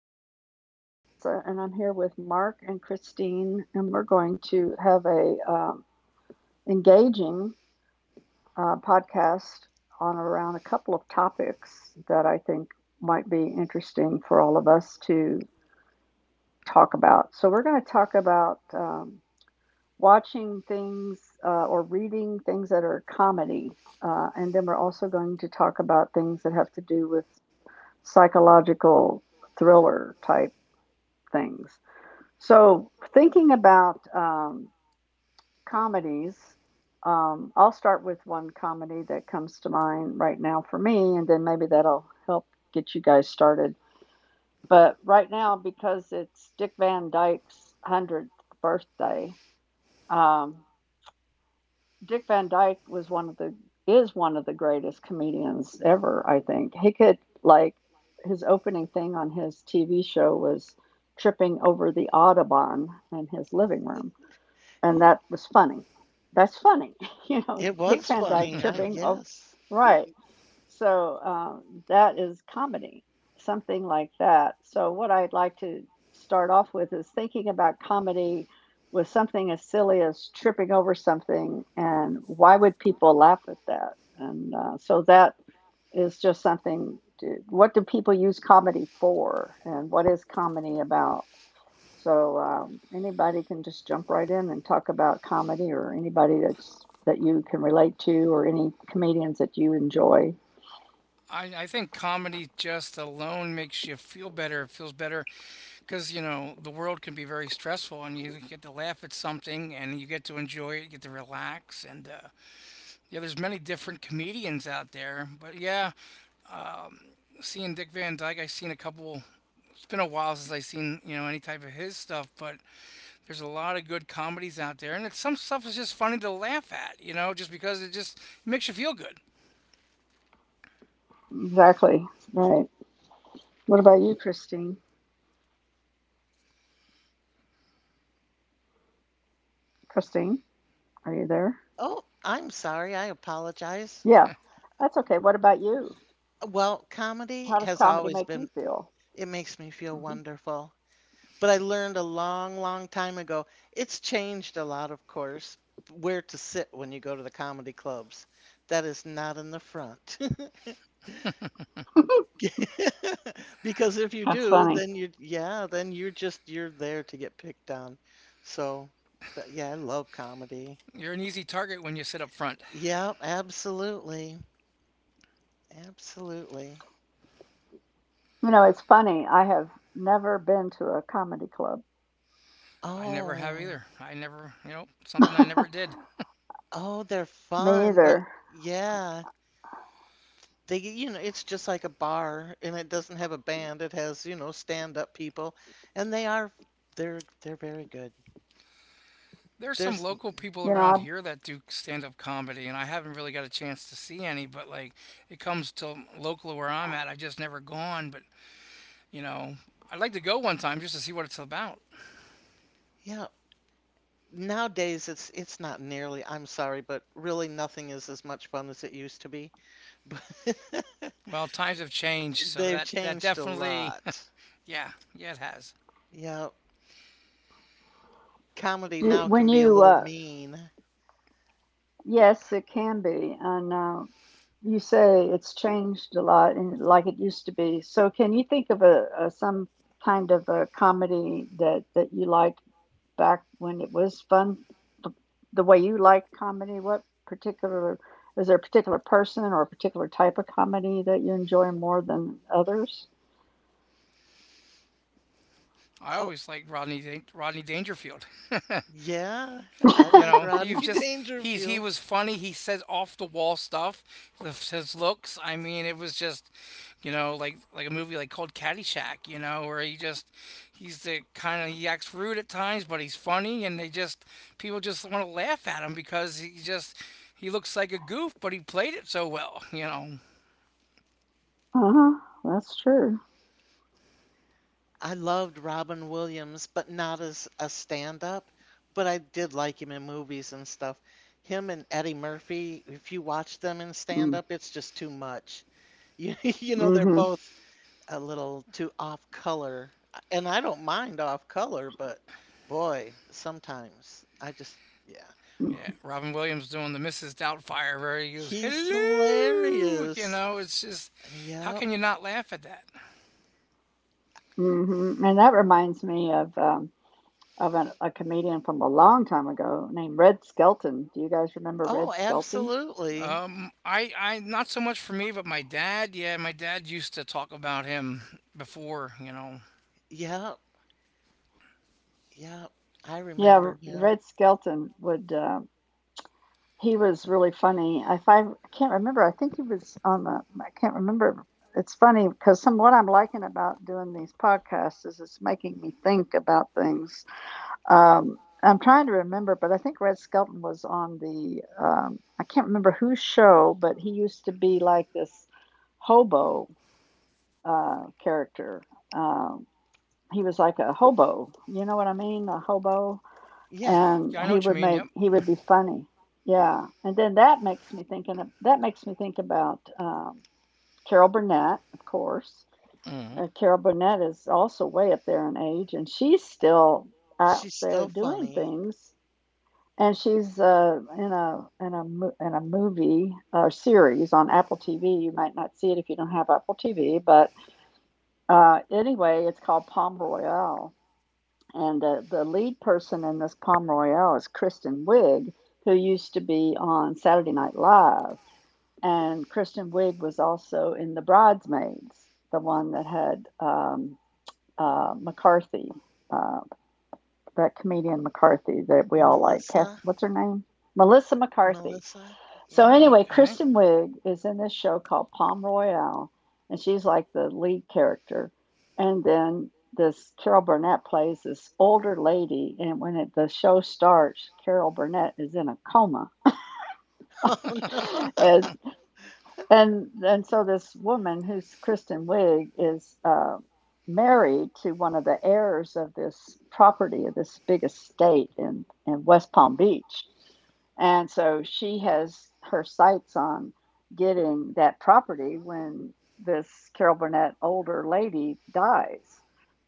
here with, this is Lisa, and I'm here with Mark and Christine, and we're going to have a engaging podcast on around a couple of topics that I think might be interesting for all of us to talk about. So we're going to talk about watching things or reading things that are comedy. And then we're also going to talk about things that have to do with psychological thriller type things. So, thinking about comedies, I'll start with one comedy that comes to mind right now for me, and then maybe that'll help get you guys started. But right now, because it's Dick Van Dyke's 100th birthday, um, Dick Van Dyke was one of the is one of the greatest comedians ever, I think. He could like his opening thing on his TV show was tripping over the Audubon in his living room, and that was funny. That's funny, you know, It Dick was Van Dyke funny. I tripping. Oh, yes. right. So um, that is comedy, something like that. So what I'd like to start off with is thinking about comedy with something as silly as tripping over something, and why would people laugh at that? And so that is just something. To, what do people use comedy for, and what is comedy about? So, anybody can just jump right in and talk about comedy or anybody that you can relate to or any comedians that you enjoy. I think comedy just alone makes you feel better. It feels better because, you know, the world can be very stressful and you get to laugh at something and you get to enjoy it, you get to relax. And, yeah, there's many different comedians out there. But, um, seeing Dick Van Dyke, I've seen a couple, it's been a while since I've seen, you know, any type of his stuff, but there's a lot of good comedies out there. And it's, some stuff is just funny to laugh at, you know, just because it just makes you feel good. Exactly. Right. What about you, Christine? Christine, are you there? Oh, I'm sorry. I apologize. Yeah, that's okay. What about you? Well, comedy How does has comedy always make you been, feel? it makes me feel hmm wonderful. But I learned a long, long time ago. It's changed a lot, of course, where to sit when you go to the comedy clubs. That is not in the front. Because if you That's do, funny. Yeah, then you're just, you're there to get picked on. So, but yeah, I love comedy. You're an easy target when you sit up front. Yeah, absolutely. Absolutely. You know, it's funny. I have never been to a comedy club. I never have Oh, either. I never, you know, something I never did. oh, they're Me fun, but either. yeah, it's just like a bar and it doesn't have a band. It has, stand-up people and they are they're very good. There's some There's local people You around know, here that do stand-up comedy, and I haven't really got a chance to see any. But like, it comes to local where I'm at. I've just never gone. But you know, I'd like to go one time just to see what it's about. Yeah, nowadays it's not nearly, I'm sorry, but really nothing is as much fun as it used to be. But Well, times have changed, so they've that changed a definitely, lot. yeah, yeah, it has. Yeah, comedy I, now when can be a you, little uh, mean. yes, it can be. And you say it's changed a lot and like it used to be. So can you think of a some kind of a comedy that that you liked back when it was fun, th- the way you liked comedy? What particular is there a particular person or a particular type of comedy that you enjoy more than others? I Oh, always liked Rodney Dangerfield. yeah, I You like know, Rodney he's just he's he Dangerfield. was funny. He says off the wall stuff. With his looks. I mean, it was just, you know, like a movie like called Caddyshack. You know, where he's the kind of he acts rude at times, but he's funny, and they just people just want to laugh at him because he looks like a goof, but he played it so well. You know, Uh-huh, that's true. I loved Robin Williams, but not as a stand-up, but I did like him in movies and stuff. Him and Eddie Murphy, if you watch them in Mm, stand-up, it's just too much. They're mhm, both a little too off color. And I don't mind off color, but boy, sometimes I just, yeah. yeah. Mm Robin Williams doing the Mrs. Doubtfire, where he goes He's hello. You hilarious. know, it's just how Yep. can you not laugh at that? mhm. And that reminds me of a comedian from a long time ago named Red Skelton. Do you guys remember Oh, Red Skelton? absolutely. Not so much for me, but my dad, yeah, my dad used to talk about him before, you know. Yep. Yep. I remember Yeah, him. Red Skelton would, he was really funny. If I, I can't remember, I think he was on the, I can't remember. It's funny because some what I'm liking about doing these podcasts is it's making me think about things. Um, I'm trying to remember, but I think Red Skelton was on the, I can't remember whose show, but he used to be like this hobo character. Um, he was like a hobo. You know what I mean? A hobo. Yeah. And Yeah, I know what you mean. Yep. he would be funny. Yeah. And then that makes me think about Carol Burnett, of course. Hmm. Carol Burnett is also way up there in age, and she's still out She's there still doing funny. things. And she's in a in a movie or series on Apple TV. You might not see it if you don't have Apple TV, but anyway, it's called Palm Royale. And the lead person in this Palm Royale is Kristen Wiig, who used to be on Saturday Night Live. And Kristen Wiig was also in The Bridesmaids, the one that had McCarthy, uh, that comedian McCarthy that we all like. Kath, Melissa, what's her name? Melissa McCarthy. Melissa, So yeah. Oh, anyway, okay. Kristen Wiig is in this show called Palm Royale, and she's like the lead character. And then this Carol Burnett plays this older lady, and the show starts, Carol Burnett is in a coma. Oh no. Like, and so this woman who's Kristen Wiig is married to one of the heirs of this property of this big estate in West Palm Beach. And so she has her sights on getting that property when this Carol Burnett older lady dies,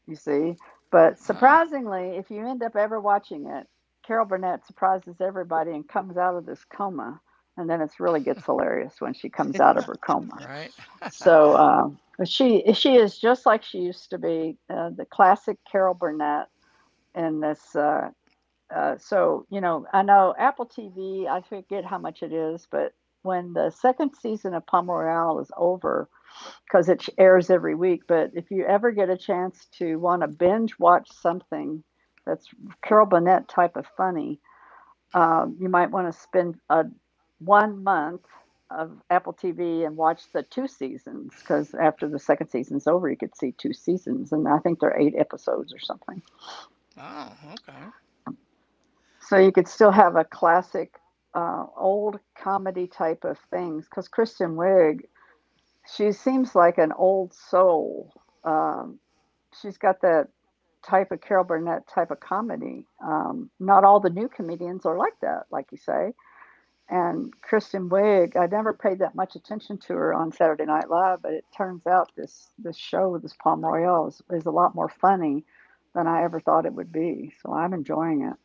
you see. But Oh, surprisingly, if you end up ever watching it, Carol Burnett surprises everybody and comes out of this coma, and then it really gets hilarious when she comes out of her coma. all right. So, but she is just like she used to be, the classic Carol Burnett in this. So you know, I know Apple TV. I forget how much it is, but when the second season of Palm Royale is over, because it airs every week. But if you ever get a chance to want to binge watch something that's Carol Burnett type of funny, you might want to spend a 1 month of Apple TV and watch the two seasons, because after the second season's over, you could see two seasons, and I think they're eight episodes or something. Oh, okay. So you could still have a classic, old comedy type of things, because Kristen Wiig, she seems like an old soul. Um, she's got that type of Carol Burnett type of comedy. Not all the new comedians are like that, like you say, and Kristen Wiig. I never paid that much attention to her on Saturday Night Live, but it turns out this show, this Palm Royale, is a lot more funny than I ever thought it would be. So I'm enjoying it.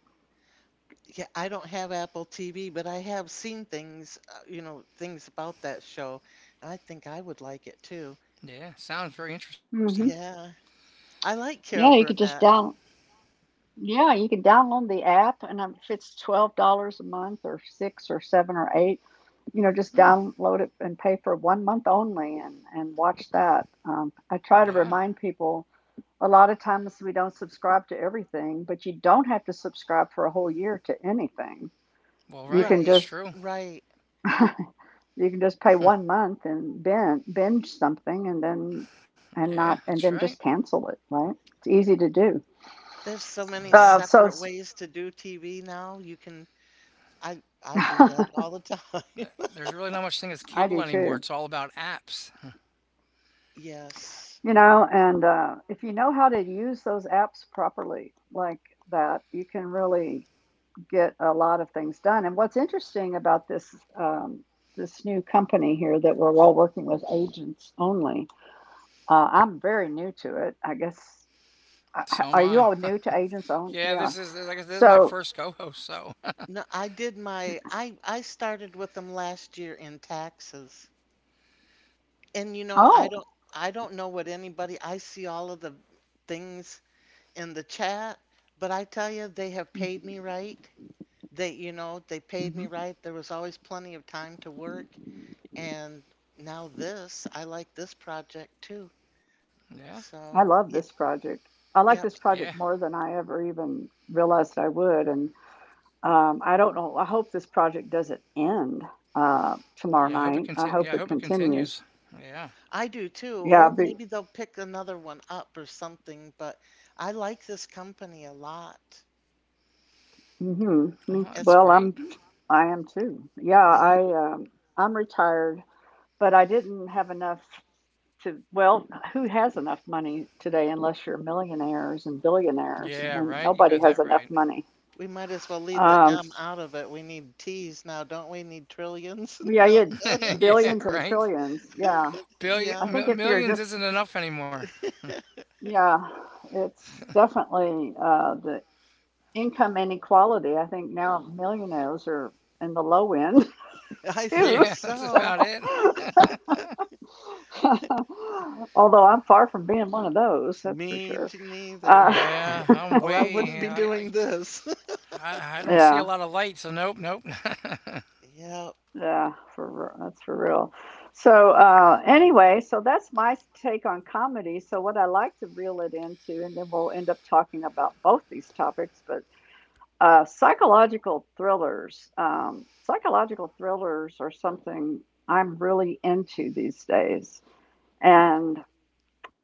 Yeah, I don't have Apple TV, but I have seen things about that show. I think I would like it too. Yeah, sounds very interesting. hmm Yeah. I like Carol Yeah, you could just Burnett. down. Yeah, you can download the app, and if it's $12 a month, or six, or seven, or eight, you know, just Hmm. download it and pay for 1 month only, and watch that. I try to Yeah. remind people a lot of times we don't subscribe to everything, but you don't have to subscribe for a whole year to anything. Well, You right. can It's Right, just true. right. you can just pay 1 month and binge something and then and Yeah, not that's and then right. just cancel it, right? It's easy to do. There's so many Yeah. Uh, so separate ways to do TV now. You can I do that I all the time. There's really not much thing as cable do anymore. too. It's all about apps. Yes. You know, and if you know how to use those apps properly like that, you can really get a lot of things done. And what's interesting about this new company here that we're all working with agents only. I'm very new to it. I guess So am are you I. all new to agents only? Yeah, Yeah. this is like I said, this is my So first co-host. So No, I did my I started with them last year in taxes. And I oh, don't I don't know what anybody I see all of the things in the chat, but I tell you they have paid me right. They paid me hmm right. There was always plenty of time to work and now this, I like this project too. yeah, I So, love yeah, this project. I like yep. this yeah, project more than I ever even realized I would. And I don't know. I hope this project doesn't end tomorrow yeah. I night. hope it I conti- hope it Yeah, I hope it continues. continues. Yeah. I do too. Yeah, Or be, maybe they'll pick another one up or something, but I like this company a lot. hmm Oh, that's As great. I am too. Yeah, I'm retired, but I didn't have enough to, well, who has enough money today unless you're millionaires and billionaires? I Yeah, mean, right. You got nobody that has enough money. we might as well leave the Um, M s- out of it. We need T's now, don't we? Need trillions, yeah, you not had right. millions. yeah, billions and right. trillions. Yeah. I Yeah, think if you're Millions just, isn't enough anymore. yeah, it's definitely the income inequality. I think now millionaires are in the low end I too. think Yeah, that's So, about so. it. although I'm far from being one of those, that's for Me sure. too, Uh, neither. Yeah, I'm Or I way. wouldn't be I I doing this. I I don't see a yeah, lot of light, so nope, nope. yeah, Yeah, yeah, that's for real. So anyway, so that's take on comedy. So what I like to reel it into, and then we'll end up talking about both these topics. But psychological thrillers are something I'm really into these days, and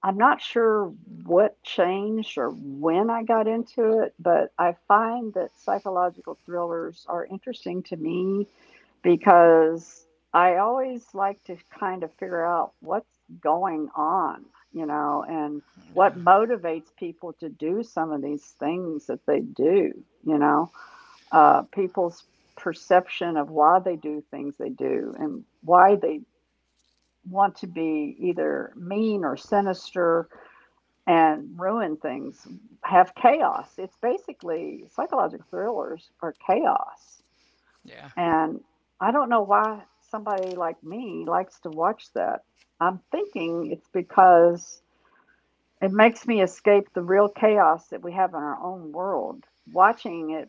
I'm not sure what changed or when I got into it, but I find that psychological thrillers are interesting to me, because I always like to kind of figure out what's going on, you know, and what motivates people to do some of these things that they do, you know, people's perception of why they do things they do and why they want to be either mean or sinister and ruin things, have chaos. It's basically psychological thrillers are chaos. yeah. And I don't know why somebody like me likes to watch that. I'm thinking it's because it makes me escape the real chaos that we have in our own world. Watching it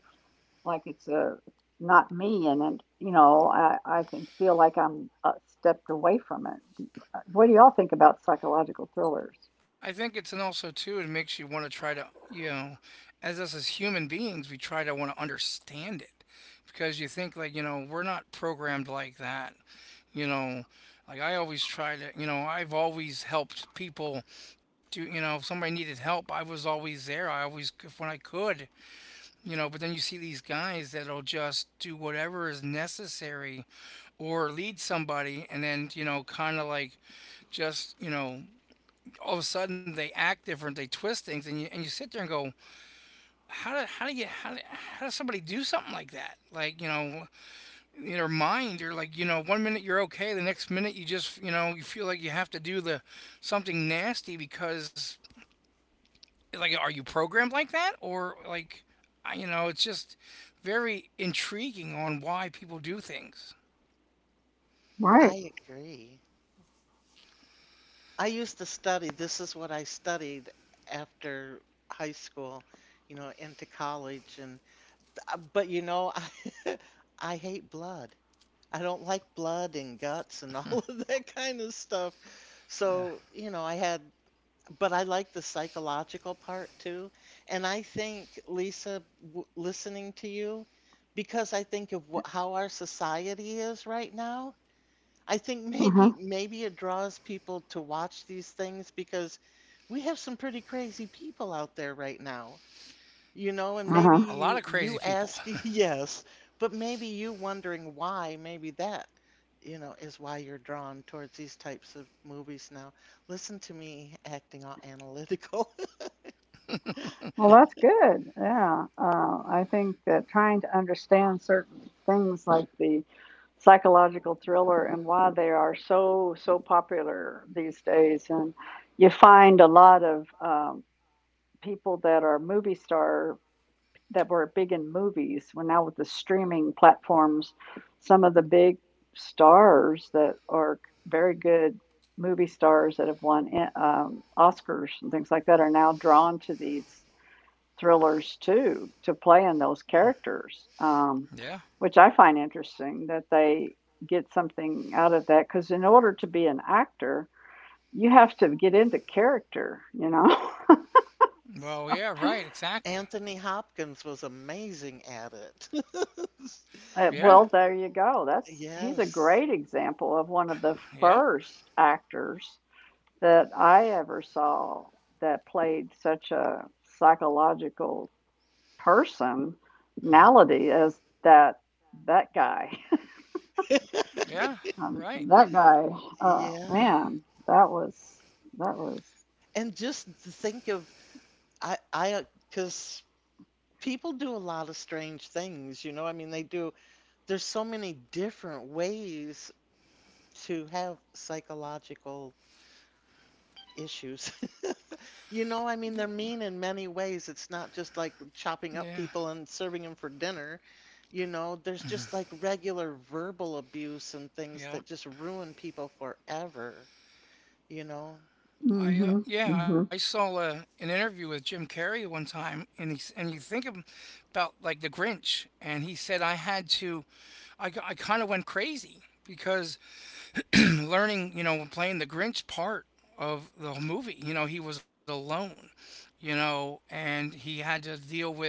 like it's a not me and it, you know, I can feel like I'm stepped away from it. What do y'all think about psychological thrillers? I think it's and also too it makes you want to try to, you know, as us as human beings, we try to want to understand it because you think like, you know, we're not programmed like that, you know, like I always try to, you know, I've always helped people. Do you know if somebody needed help, I was always there. I always if when I could, you know, but then you see these guys that'll just do whatever is necessary or lead somebody and then, you know, kind of like just, you know, all of a sudden they act different, they twist things, and you sit there and go, how do you how, do, how does somebody do something like that, like, you know, in your mind you're like, you know, 1 minute you're okay, the next minute you just, you know, you feel like you have to do the something nasty because like are you programmed like that or like you know it's just very intriguing on why people do things. Right. I agree. I used to study, this is what I studied after high school, into college and but I I hate blood. I don't like blood and guts and all of that kind of stuff. So, you know, I had but I like the psychological part too. And I think, Lisa, w listening to you, because I think of wh how our society is right now, I think Uh huh. Maybe it draws people to watch these things because we have some pretty crazy people out there right now. And There Uh maybe huh. are a lot you of you crazy people. ask yes, but maybe you wondering why, maybe that, is why you're drawn towards these types of movies now. Listen to me acting all analytical. Well, that's good. Yeah. I think that trying to understand certain things like the psychological thriller and why they are so, so popular these days. And you find a lot of people that are movie star that were big in movies. Well, now with the streaming platforms, some of the big stars that are very good movie stars that have won Oscars and things like that are now drawn to these thrillers too to play in those characters, Yeah. which I find interesting that they get something out of that. Because in order to be an actor, you have to get into character, you know. Well, yeah, so, right, exactly. Anthony Hopkins was amazing at it. uh, well, Yeah, there you go. That's he's a Yes. great example of one of the yeah, first actors that I ever saw that played such a psychological personality as that guy. yeah, right, That guy, oh Yeah. man, that was that was. And just to think of I because people do a lot of strange things, you know. I mean, they do. There's so many different ways to have psychological issues. I mean, they're mean in many ways. It's not just like chopping up yeah, people and serving them for dinner. You know, there's just like regular verbal abuse and things that yeah. just ruin people forever. You know, I Mm-hmm. Yeah, I Mm-hmm. saw an interview with Jim Carrey one time, and and you think about like the Grinch, and he said I had to, I kind of went crazy because learning, you know, playing the Grinch part of the whole movie, you know, he was alone, you know, and he had to deal with,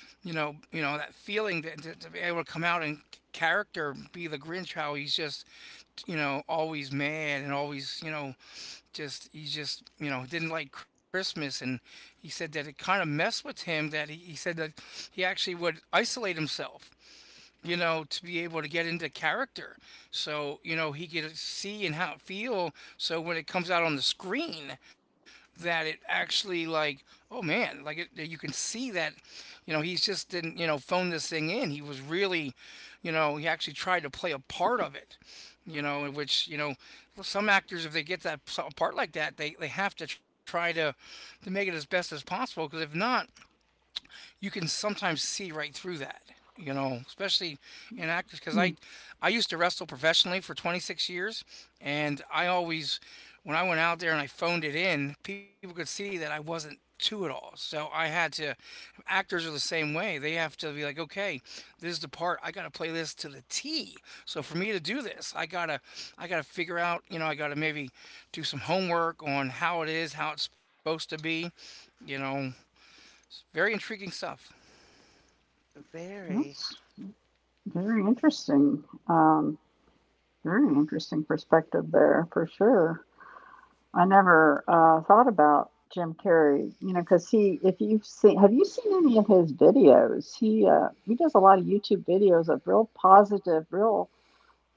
you know that feeling that to be able to come out and character be the Grinch, how he's just, you know, always mad and always, you know, just he just you know didn't like Christmas, and he said that it kind of messed with him. That he said that he actually would isolate himself, you know, to be able to get into character. So, you know, he could see and how it feel. So when it comes out on the screen, that it actually like, oh man, like it, you can see that, you know, he's just didn't, you know, phone this thing in. He was really, you know, he actually tried to play a part of it, you know, in which, you know, some actors, if they get a part like that, they have to try to make it as best as possible. Cause if not, you can sometimes see right through that, you know, especially in actors because i Mm. i used to wrestle professionally for 26 years and I always when I went out there and I phoned it in people could see that I wasn't to it all, so I had to, actors are the same way. They have to be like okay, this is the part I gotta play this to the T, so for me to do this I gotta figure out, you know, I gotta maybe do some homework on how it is how it's supposed to be, you know, very intriguing stuff. very. That's very interesting. Um, Very interesting perspective there for sure. I never thought about Jim Carrey, you know, because if you've seen, have you seen any of his videos? He does a lot of YouTube videos of real positive, real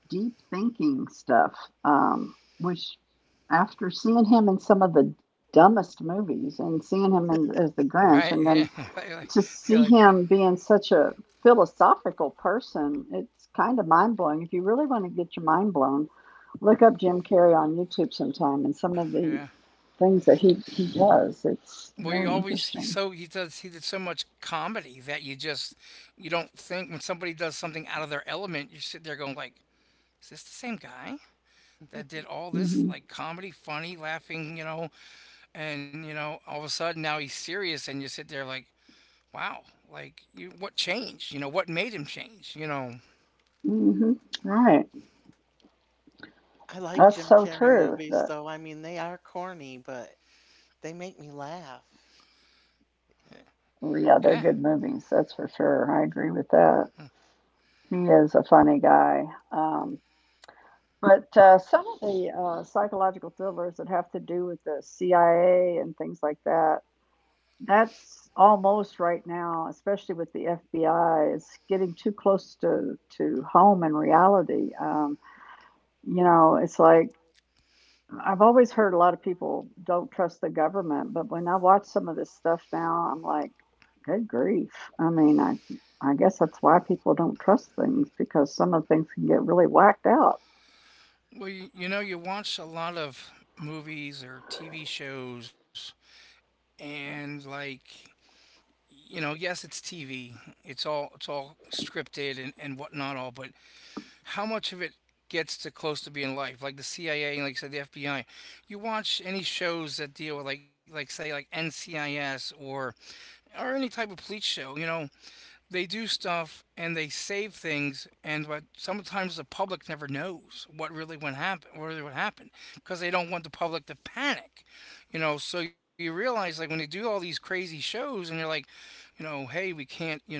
deep thinking stuff, which after seeing him in some of the dumbest movies and seeing him in, as the Grinch, Right? and Yeah. then like, to yeah, see like, him being such a philosophical person, it's kind of mind blowing. If you really want to get your mind blown, look up Jim Carrey on YouTube sometime and some of the yeah. things that he does. It's Well, he very always he interesting. so he does he did so much comedy that you just you don't think when somebody does something out of their element, you sit there going like, is this the same guy that did all this hmm like comedy, funny, laughing, you know, and you know, all of a sudden now he's serious, and you sit there like, wow, like you what changed? You know, what made him change? You know, hmm Right. I like That's Jim so Carrey true. movies, though. I mean, they are corny, but they make me laugh. yeah. Yeah, they're Yeah. good movies. That's for sure. I agree with that. He is a funny guy. Um, but some of the psychological thrillers that have to do with the CIA and things like that, that's almost right now, especially with the FBI, it's getting too close to, home and reality. You know, it's like I've always heard a lot of people don't trust the government, but when I watch some of this stuff now, I'm like, good grief. I mean, I guess that's why people don't trust things because some of the things can get really whacked out. Well, you know, you watch a lot of movies or TV shows, and like you know, yes, it's TV. It's all scripted and whatnot all, but how much of it gets to close to being life? Like the CIA and like I said, the FBI. You watch any shows that deal with like say like NCIS or any type of police show, you know, they do stuff and they save things and what sometimes the public never knows what really went happen what really would happen because they don't want the public to panic, you know, so you realize like when they do all these crazy shows and they're like, you know, hey we can't, you know,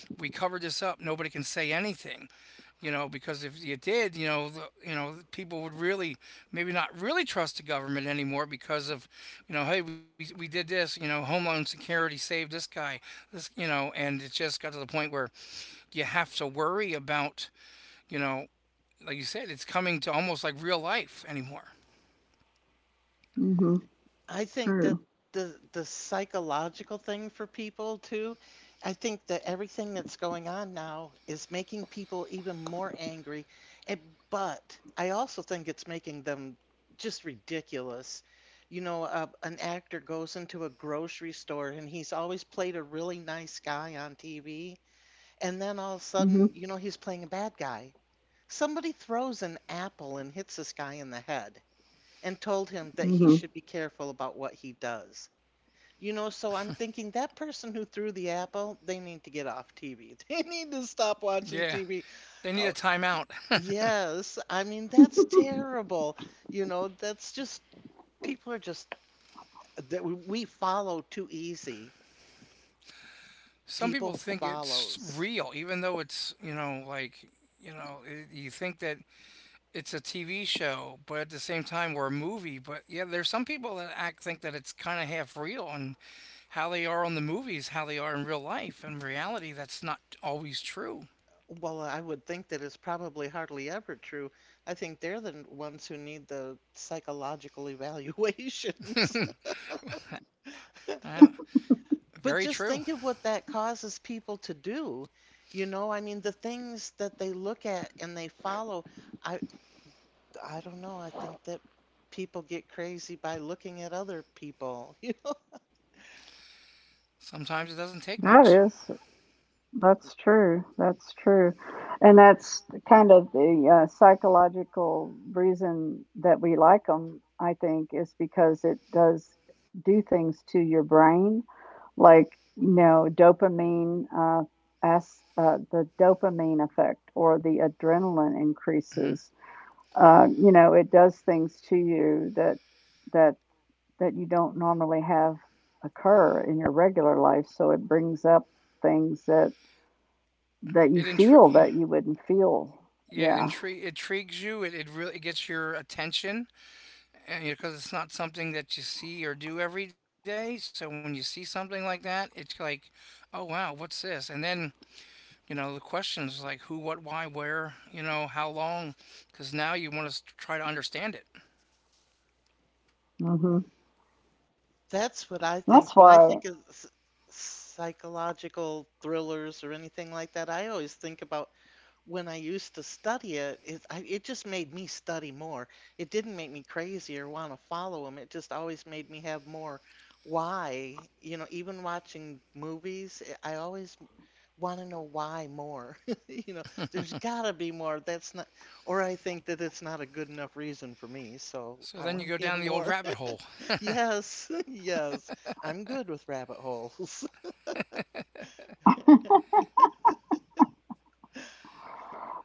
we covered this up, nobody can say anything, you know, because if you did, you know, you know, people would really maybe not really trust the government anymore because of, you know, hey, we did this, you know, Homeland Security saved this guy, this, you know, and it just got to the point where you have to worry about, you know, like you said, it's coming to almost like real life anymore. Mhm. I think that True. the psychological thing for people too, I think that everything that's going on now is making people even more angry. And, but I also think it's making them just ridiculous. An actor goes into a grocery store and he's always played a really nice guy on TV, and then all of a Mhm. sudden, he's playing a bad guy. Somebody throws an apple and hits this guy in the head and told him that he Mhm. should be careful about what he does. So I'm thinking that person who threw the apple, they need to get off TV. They need to stop watching Yeah, TV. they need a Oh, timeout. yes, I mean, that's terrible. That's just people are just that we follow too easy. Some People people think it's follows. real, even though it's, you know, like, you know, it, you think that it's a TV show, but at the same time, we're a movie. But yeah, there's some people that act think that it's kind of half real, and how they are on the movies, how they are in real life. In reality, that's not always true. Well, I would think that is probably hardly ever true. I think they're the ones who need the psychological evaluations. Uh, very But just true. think of what that causes people to do. You know, I mean, the things that they look at and they follow. I I don't know. I think that people get crazy by looking at other people. You know, Sometimes it doesn't take much. that is. That's true. That's true. And that's kind of the psychological reason that we like them, I think, is because it does do things to your brain, like, you know, dopamine, as, the dopamine effect or the adrenaline Hmm. increases. You know, it does things to you that, that you don't normally have occur in your regular life. So it brings up things that you It feel intri- that you wouldn't feel. yeah, it Yeah. intri- intrigues you. It really it gets your attention, and because it's not something that you see or do every day. So when you see something like that, it's like, oh wow, what's this? And then you know the questions like who what why where you know how long because now you want to try to understand it Mhm. that's what I think. That's When I why think of psychological thrillers or anything like that, I always think about when I used to study it, just made me study more. It didn't make me crazy or want to follow them. It just always made me have more why. Even watching movies, I always want to know why more. You know, there's got to be more. That's not, or I think that it's not a good enough reason for me. So so I then you want to go hear down the old more. rabbit hole. Yes, yes, I'm good with rabbit holes.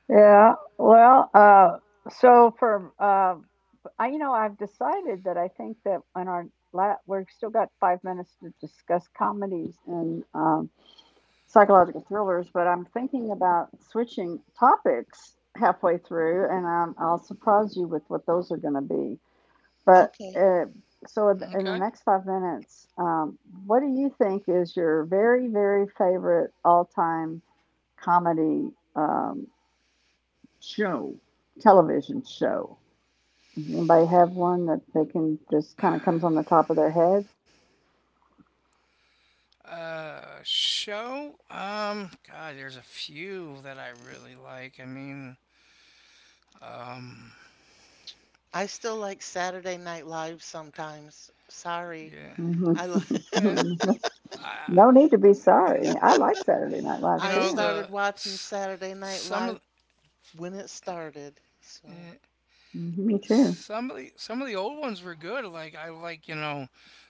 yeah. Well, so for you know, I've decided that I think that on our la- we've still got 5 minutes to discuss comedies and psychological thrillers, but I'm thinking about switching topics halfway through, and I'll surprise you with what those are going to be. But Okay. uh, so in the Okay. next 5 minutes, what do you think is your very, very favorite all time comedy show, television show? Does anybody have one that they can just kind of comes on the top of their head? Show? God, there's a few that I really like. I mean um I still like Saturday Night Live sometimes. Sorry. yeah, I like Mhm. yeah. I, No need to be sorry. I like Saturday Night you Live I know too. the started watching Saturday Night some of Live when it started. the, So, eh, Mhm. Me too. some of the some of the old ones were good. Like I like, you know,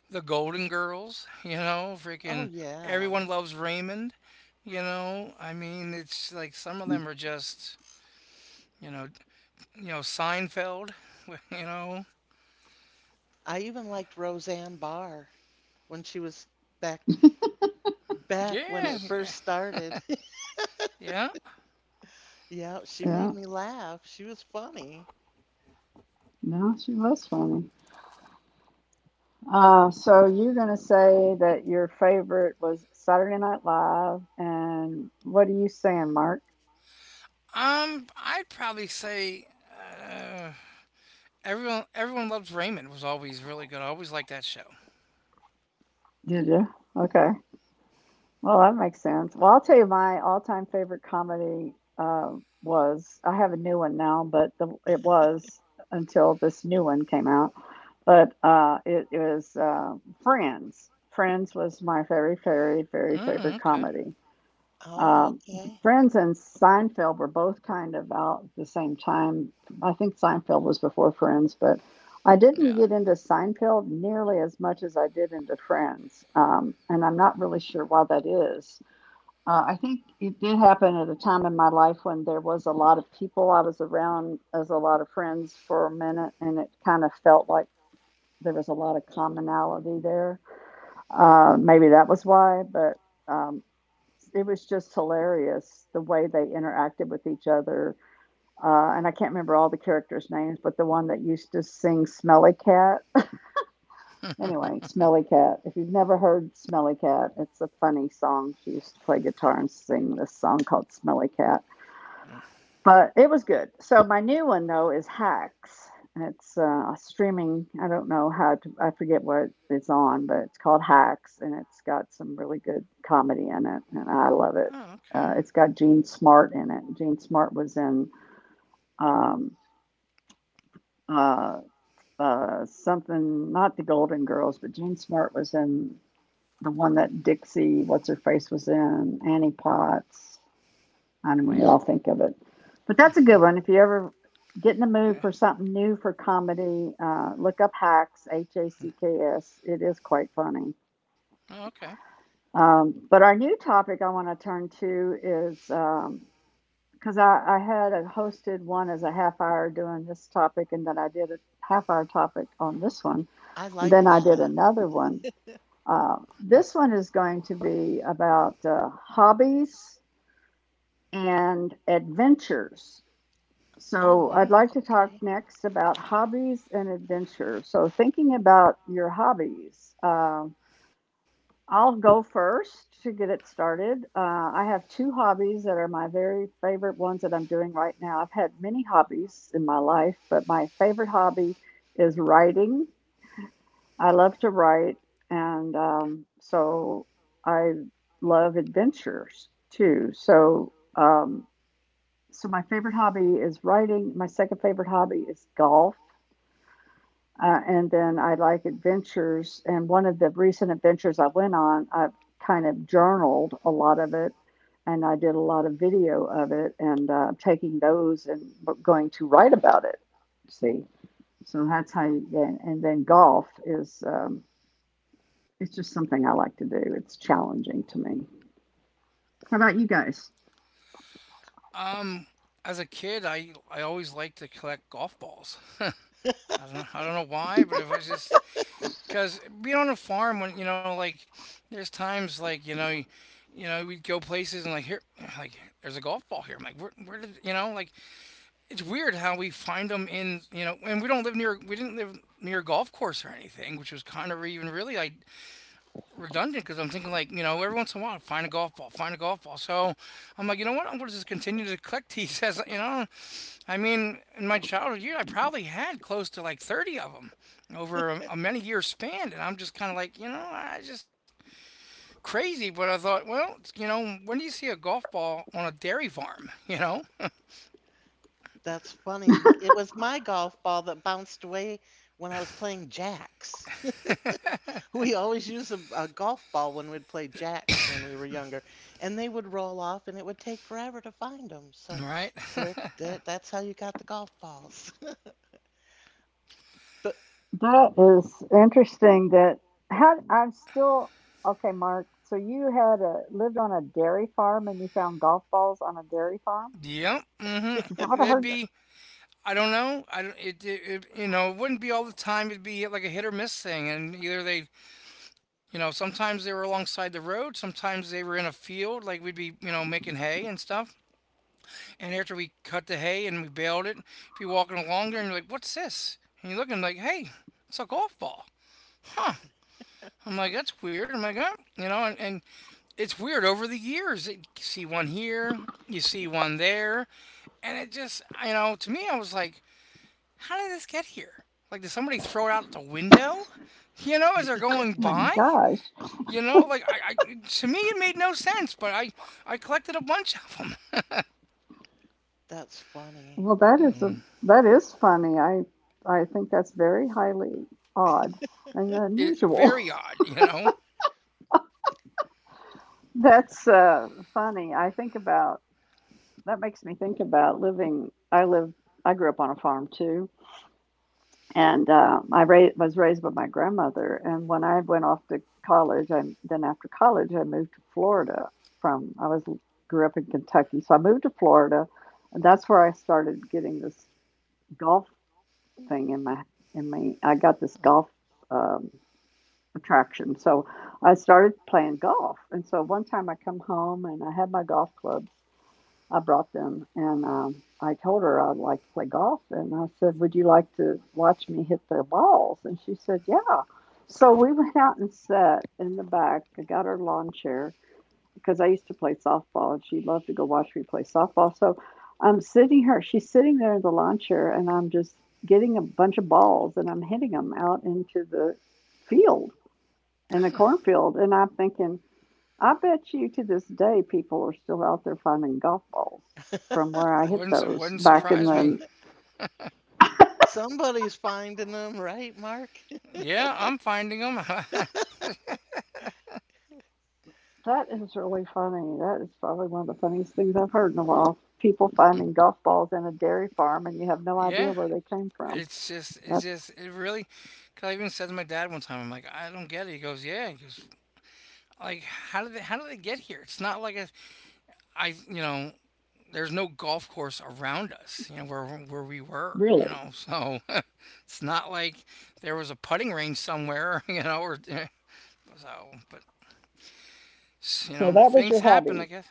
the Golden Girls. You know, oh freaking yeah. everyone loves Raymond. You know, I mean, it's like some of them are just you know, you know Seinfeld. You know, I even liked Roseanne Barr when she was back back when yeah, it first started. yeah. Yeah, she made Yeah, me laugh. She was funny. no, she was funny. So you're going to say that your favorite was Saturday Night Live, and what are you saying, Mark? I'd probably say. Uh, Everyone, loves Raymond was always really good. I always liked that show. Did you? Okay. Well, that makes sense. Well, I'll tell you my all-time favorite comedy was. I have a new one now, but it was until this new one came out. But it is Friends. Friends was my very, very, very Mm, favorite okay. comedy. Oh, Um, okay. Friends and Seinfeld were both kind of out at the same time. I think Seinfeld was before Friends, but I didn't Yeah. get into Seinfeld nearly as much as I did into Friends. And I'm not really sure why that is. I think it did happen at a time in my life when there was a lot of people I was around as a lot of friends for a minute, and it kind of felt like there was a lot of commonality there. Maybe that was why, but um, it was just hilarious the way they interacted with each other. And I can't remember all the characters' names, but the one that used to sing Smelly Cat. Anyway, Smelly Cat. If you've never heard Smelly Cat, it's a funny song. She used to play guitar and sing this song called Smelly Cat, but it was good. So my new one though is Hacks. It's streaming. I don't know how to. I forget what it's on, but it's called Hacks, and it's got some really good comedy in it, and I love it. Oh, okay. It's got Gene Smart in it. Gene Smart was in um, uh, something, not the Golden Girls, but Gene Smart was in the one that Dixie, what's her face, was in Annie Potts. I don't know what y'all think of it. But that's a good one. If you ever get in the mood Yeah. for something new for comedy, look up Hacks, H A C K S. It is quite funny. Oh, okay. But our new topic I want to turn to is because I had a hosted one as a half hour doing this topic, and then I did a half hour topic on this one, I and like then I did that. another one. This one is going to be about hobbies and adventures. Oh So, my, Hmm. I'd like to talk okay. next about hobbies and adventure. So, thinking about your hobbies, I'll go first to get it started. I have two hobbies that are my very favorite ones that I'm doing right now. I've had many hobbies in my life, but my favorite hobby is writing. I love to write, and so I love adventures too. So, so my favorite hobby is writing. My second favorite hobby is golf. And then I like adventures. And one of the recent adventures I went on, I kind of journaled a lot of it and I did a lot of video of it and taking those and going to write about it. See, so that's how you get. And then golf is, it's just something I like to do. It's challenging to me. How about you guys? Um, as a kid, I always liked to collect golf balls. I don't know why, but if I just because being on a farm when like there's times like you know we'd go places and like here like there's a golf ball here. I'm like where did like it's weird how we find them in and we didn't live near a golf course or anything, which was kind of even really like redundant because I'm thinking like every once in a while find a golf ball, find a golf ball. So I'm like you know what I'm gonna just continue to collect these as you know I mean, in my childhood year, I probably had close to like 30 of them over a many year span. And I'm just kind of like, I just crazy. But I thought, well, you know, when do you see a golf ball on a dairy farm? You know, That's funny. It was my golf ball that bounced away when I was playing jacks. We always used a golf ball when we'd play jacks when we were younger, and they would roll off, and it would take forever to find them. So, right? there, that's how you got the golf balls. But That is interesting that how I'm still okay, Mark. So you had a lived on a dairy farm and you found golf balls on a dairy farm? Yep. Hmm. Is that what I There'd heard? be, I don't know. I don't, it, you know, it wouldn't be all the time. It'd be like a hit or miss thing. And either they, you know, sometimes they were alongside the road, sometimes they were in a field, like we'd be, you know, making hay and stuff. And after we cut the hay and we baled it, if you're walking along there and you're like, what's this? And you look and I'm like, hey, it's a golf ball. I'm like, that's weird. I'm like, oh, you know, and it's weird over the years. You see one here, you see one there. And it just, you know, to me, I was like, how did this get here? Like, did somebody throw it out the window? You know, as they're Oh going my by? gosh. You know, like, I to me, it made no sense, but I collected a bunch of them. that's funny. Well, that is a that is funny. I think that's very highly odd and It, unusual. very odd, you know? That's funny. I think about that makes me think about living I lived I grew up on a farm too and I ra- was raised by my grandmother. And when I went off to college, and then after college, I moved to Florida. From I was grew up in Kentucky, so I moved to Florida, and that's where I started getting this golf thing in my in me. I got this golf um, attraction, so I started playing golf. And so one time I come home and I had my golf clubs. I brought them, and I told her I'd like to play golf, and I said, "Would you like to watch me hit the balls?" And she said, "Yeah." So we went out and sat in the back. I got her lawn chair because I used to play softball, and she loved to go watch me play softball. So I'm sitting her. She's sitting there in the lawn chair, and I'm just getting a bunch of balls, and I'm hitting them out into the field in a cornfield, and I'm thinking I bet you to this day people are still out there finding golf balls from where I It hit Wouldn't, it those wouldn't back in surprise me. the Somebody's finding them, right, Mark? Yeah, I'm finding them. that is really funny. That is probably one of the funniest things I've heard in a while. People finding golf balls in a dairy farm and you have no idea Yeah, where they came from. That's it really. Cause I even said to my dad one time, I'm like, I don't get it. He goes, yeah. He goes, like, how did they get here? It's not like a, I, you know, there's no golf course around us, you know, where we were, you really. know. So it's not like there was a putting range somewhere, you know, so. But you So know, that was things your happen, I hobby. guess.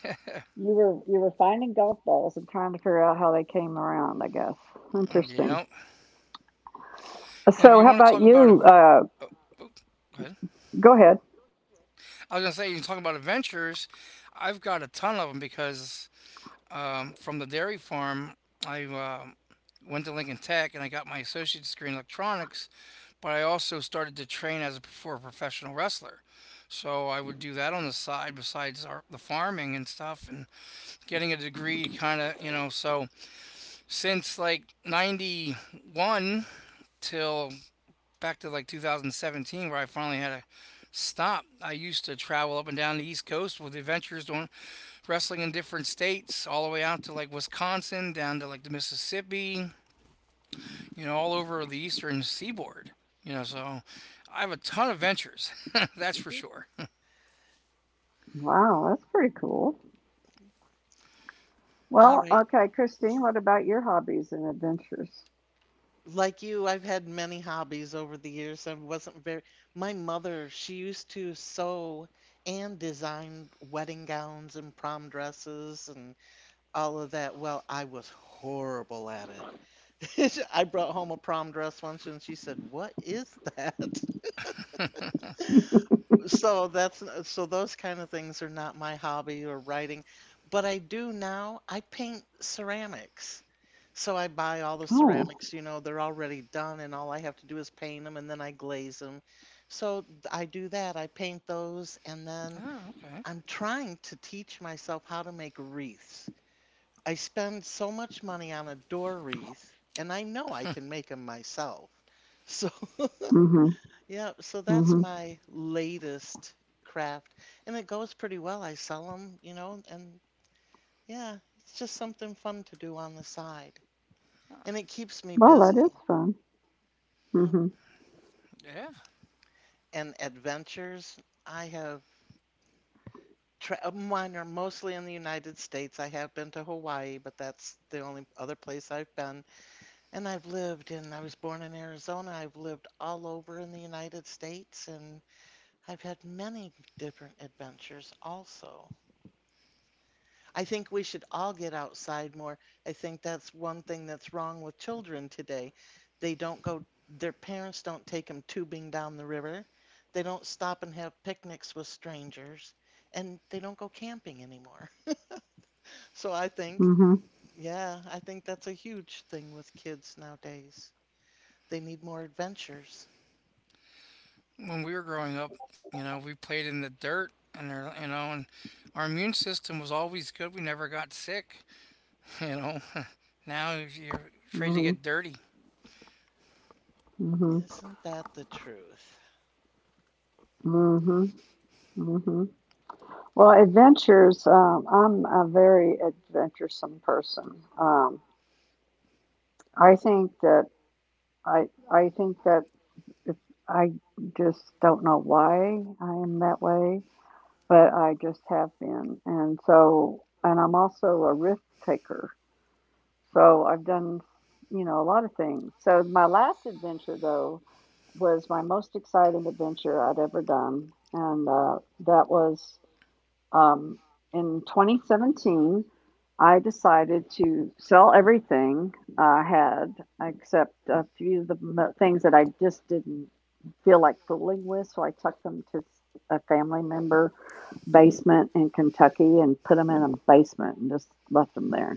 You were finding golf balls and trying to figure out how they came around, I guess. Interesting. Yeah. And if So you how want to about talk about a, you? v- oh, oh, go ahead. Go ahead. I was gonna say, you talking about adventures. I've got a ton of them because from the dairy farm, I went to Lincoln Tech and I got my associate's degree in electronics. But I also started to train as a professional wrestler, so I would do that on the side besides the farming and stuff and getting a degree. Kind of, you know. So since like '91 till back to like 2017 where I finally had a stop. I used to travel up and down the East Coast with adventures doing wrestling in different states, all the way out to like Wisconsin, down to like the Mississippi, you know, all over the eastern seaboard. You know, so I have a ton of ventures, that's for sure. Wow, that's pretty cool. All Well, right. okay, Christine, what about your hobbies and adventures? Like you, I've had many hobbies over the years. I wasn't very. My mother, she used to sew and design wedding gowns and prom dresses and all of that. Well, I was horrible at it. I brought home a prom dress once and she said, "What is that?" So those kind of things are not my hobby or writing, but I do now. I paint ceramics. So I buy all the Oh. ceramics, they're already done and all I have to do is paint them and then I glaze them. So I do that. I paint those and Oh, then okay. I'm trying to teach myself how to make wreaths. I spend so much money on a door wreath, and I know I can make them myself. So, Mm. yeah, so Mhm, that's mm mhm. my latest craft, and it goes pretty well. I sell them, and yeah, it's just something fun to do on the side, and it keeps me Well, that busy. is fun. Yeah. Mm. Yeah. And adventures, I have mine are mostly in the United States. I have been to Hawaii, but that's the only other place I've been. And I've lived and I was born in Arizona. I've lived all over in the United States and I've had many different adventures also. I think we should all get outside more. I think that's one thing that's wrong with children today. They don't go, their parents don't take them tubing down the river. They don't stop and have picnics with strangers and they don't go camping anymore. So, Mhm, yeah, I think that's a huge thing with kids nowadays. They need more adventures. When we were growing up, you know, we played in the dirt and you know, and our immune system was always good. We never got sick, you know. Now you're mm afraid to mhm, get dirty. mm mhm, Isn't that the truth? mm mhm, mhm, mhm. Well, adventures, I'm a very adventuresome person. I think that I think that if I just don't know why I am that way, but I just have been. And so and I'm also a risk taker. So I've done, you know, a lot of things. So my last adventure though was my most exciting adventure I'd ever done, and that was um, in 2017. I decided to sell everything I had except a few of the mo- things that I just didn't feel like fooling with. So I took them to s- a family member basement in Kentucky and put them in a basement and just left them there.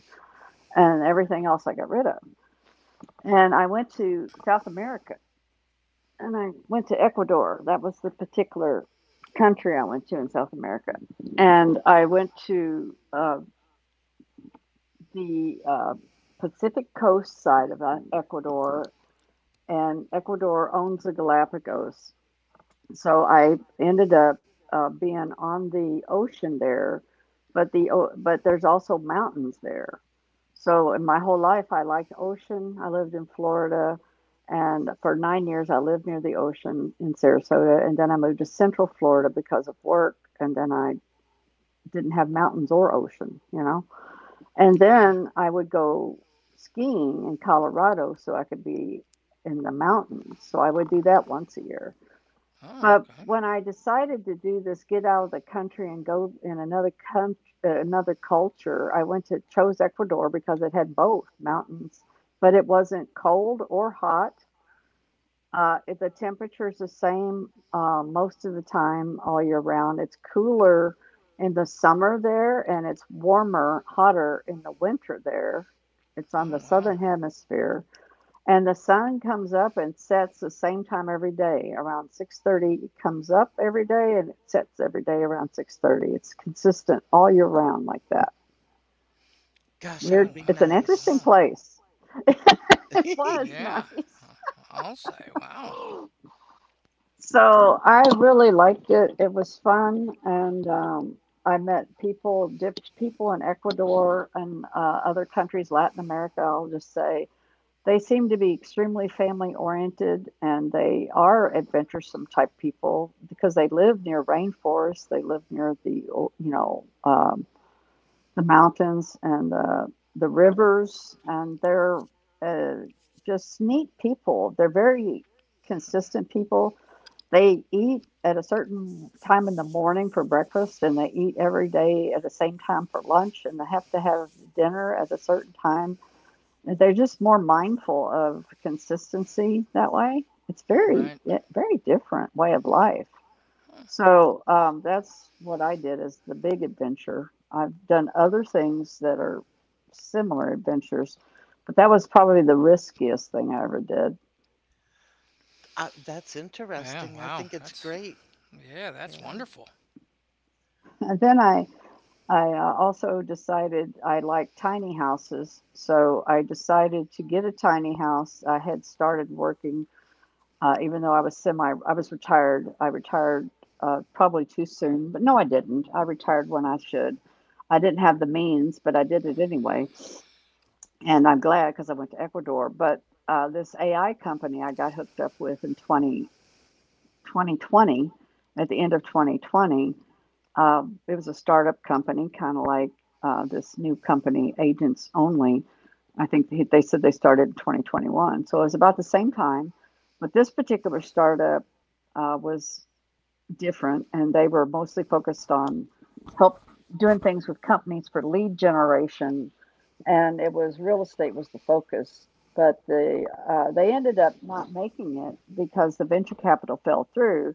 And everything else I got rid of. And I went to South America and I went to Ecuador. That was the particular country I went to in South America. And I went to the Pacific coast side of Ecuador, and Ecuador owns the Galapagos. So I ended up being on the ocean there, but but there's also mountains there. So in my whole life, I liked ocean. I lived in Florida, and for 9 years, I lived near the ocean in Sarasota, and then I moved to Central Florida because of work, and then I didn't have mountains or ocean, you know. And Yeah. then I would go skiing in Colorado so I could be in the mountains. So I would do that once a year, Oh, but okay. when I decided to do this, get out of the country and go in another country, another culture, I went to chose Ecuador because it had both mountains, but it wasn't cold or hot. It, the temperature is the same most of the time all year round. It's cooler in the summer there, and it's warmer, hotter in the winter there. It's on Oh, the wow. southern hemisphere and the sun comes up and sets the same time every day, around 6:30 it comes up every day and it sets every day around 6:30. It's consistent all year round like that. Gosh, Oh, that would Weird. be wow. It's an Wow. interesting nice. place. It was Yeah, nice. I'll say wow. So I really liked it. It was fun, and I met people in Ecuador and other countries, Latin America, I'll just say. They seem to be extremely family oriented and they are adventuresome type people because they live near rainforests. They live near the mountains and the rivers. And they're uh, just neat people. They're very consistent people. They eat at a certain time in the morning for breakfast and they eat every day at the same time for lunch and they have to have dinner at a certain time. They're just more mindful of consistency that way. It's Right. very very different way of life. So, that's what I did as the big adventure. I've done other things that are similar adventures, but that was probably the riskiest thing I ever did. That's Yeah, interesting. I wow. think it's That's great. yeah, that's Yeah. wonderful. And then I also decided I like tiny houses, so I decided to get a tiny house. I had started working even though I was retired. I retired probably too soon, but no, I didn't. I retired when I should. I didn't have the means, but I did it anyway, and I'm glad because I went to Ecuador. But this AI company I got hooked up with in 2020, at the end of 2020. It was a startup company, kind of like this new company, Agents Only. I think they said they started in 2021. So it was about the same time. But this particular startup was different, and they were mostly focused on help doing things with companies for lead generation. And it was real estate was the focus. But they ended up not making it because the venture capital fell through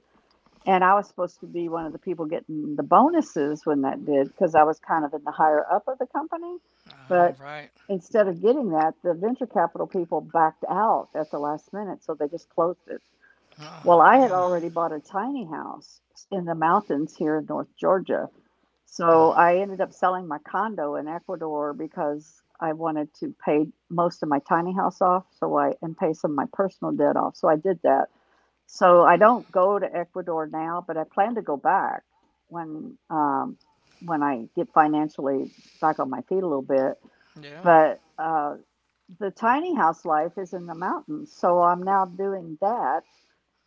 and I was supposed to be one of the people getting the bonuses when that did, because I was kind of in the higher up of the company. But All right. instead of getting that, the venture capital people backed out at the last minute, so they just closed it. Well, Oh, I had damn. Uh, already bought a tiny house in the mountains here in North Georgia. So I ended up selling my condo in Ecuador because I wanted to pay most of my tiny house off, so I and pay some of my personal debt off. So I did that so I don't go to Ecuador now, but I plan to go back when um, when I get financially back on my feet a little bit. Yeah. But the tiny house life is in the mountains, so I'm now doing that.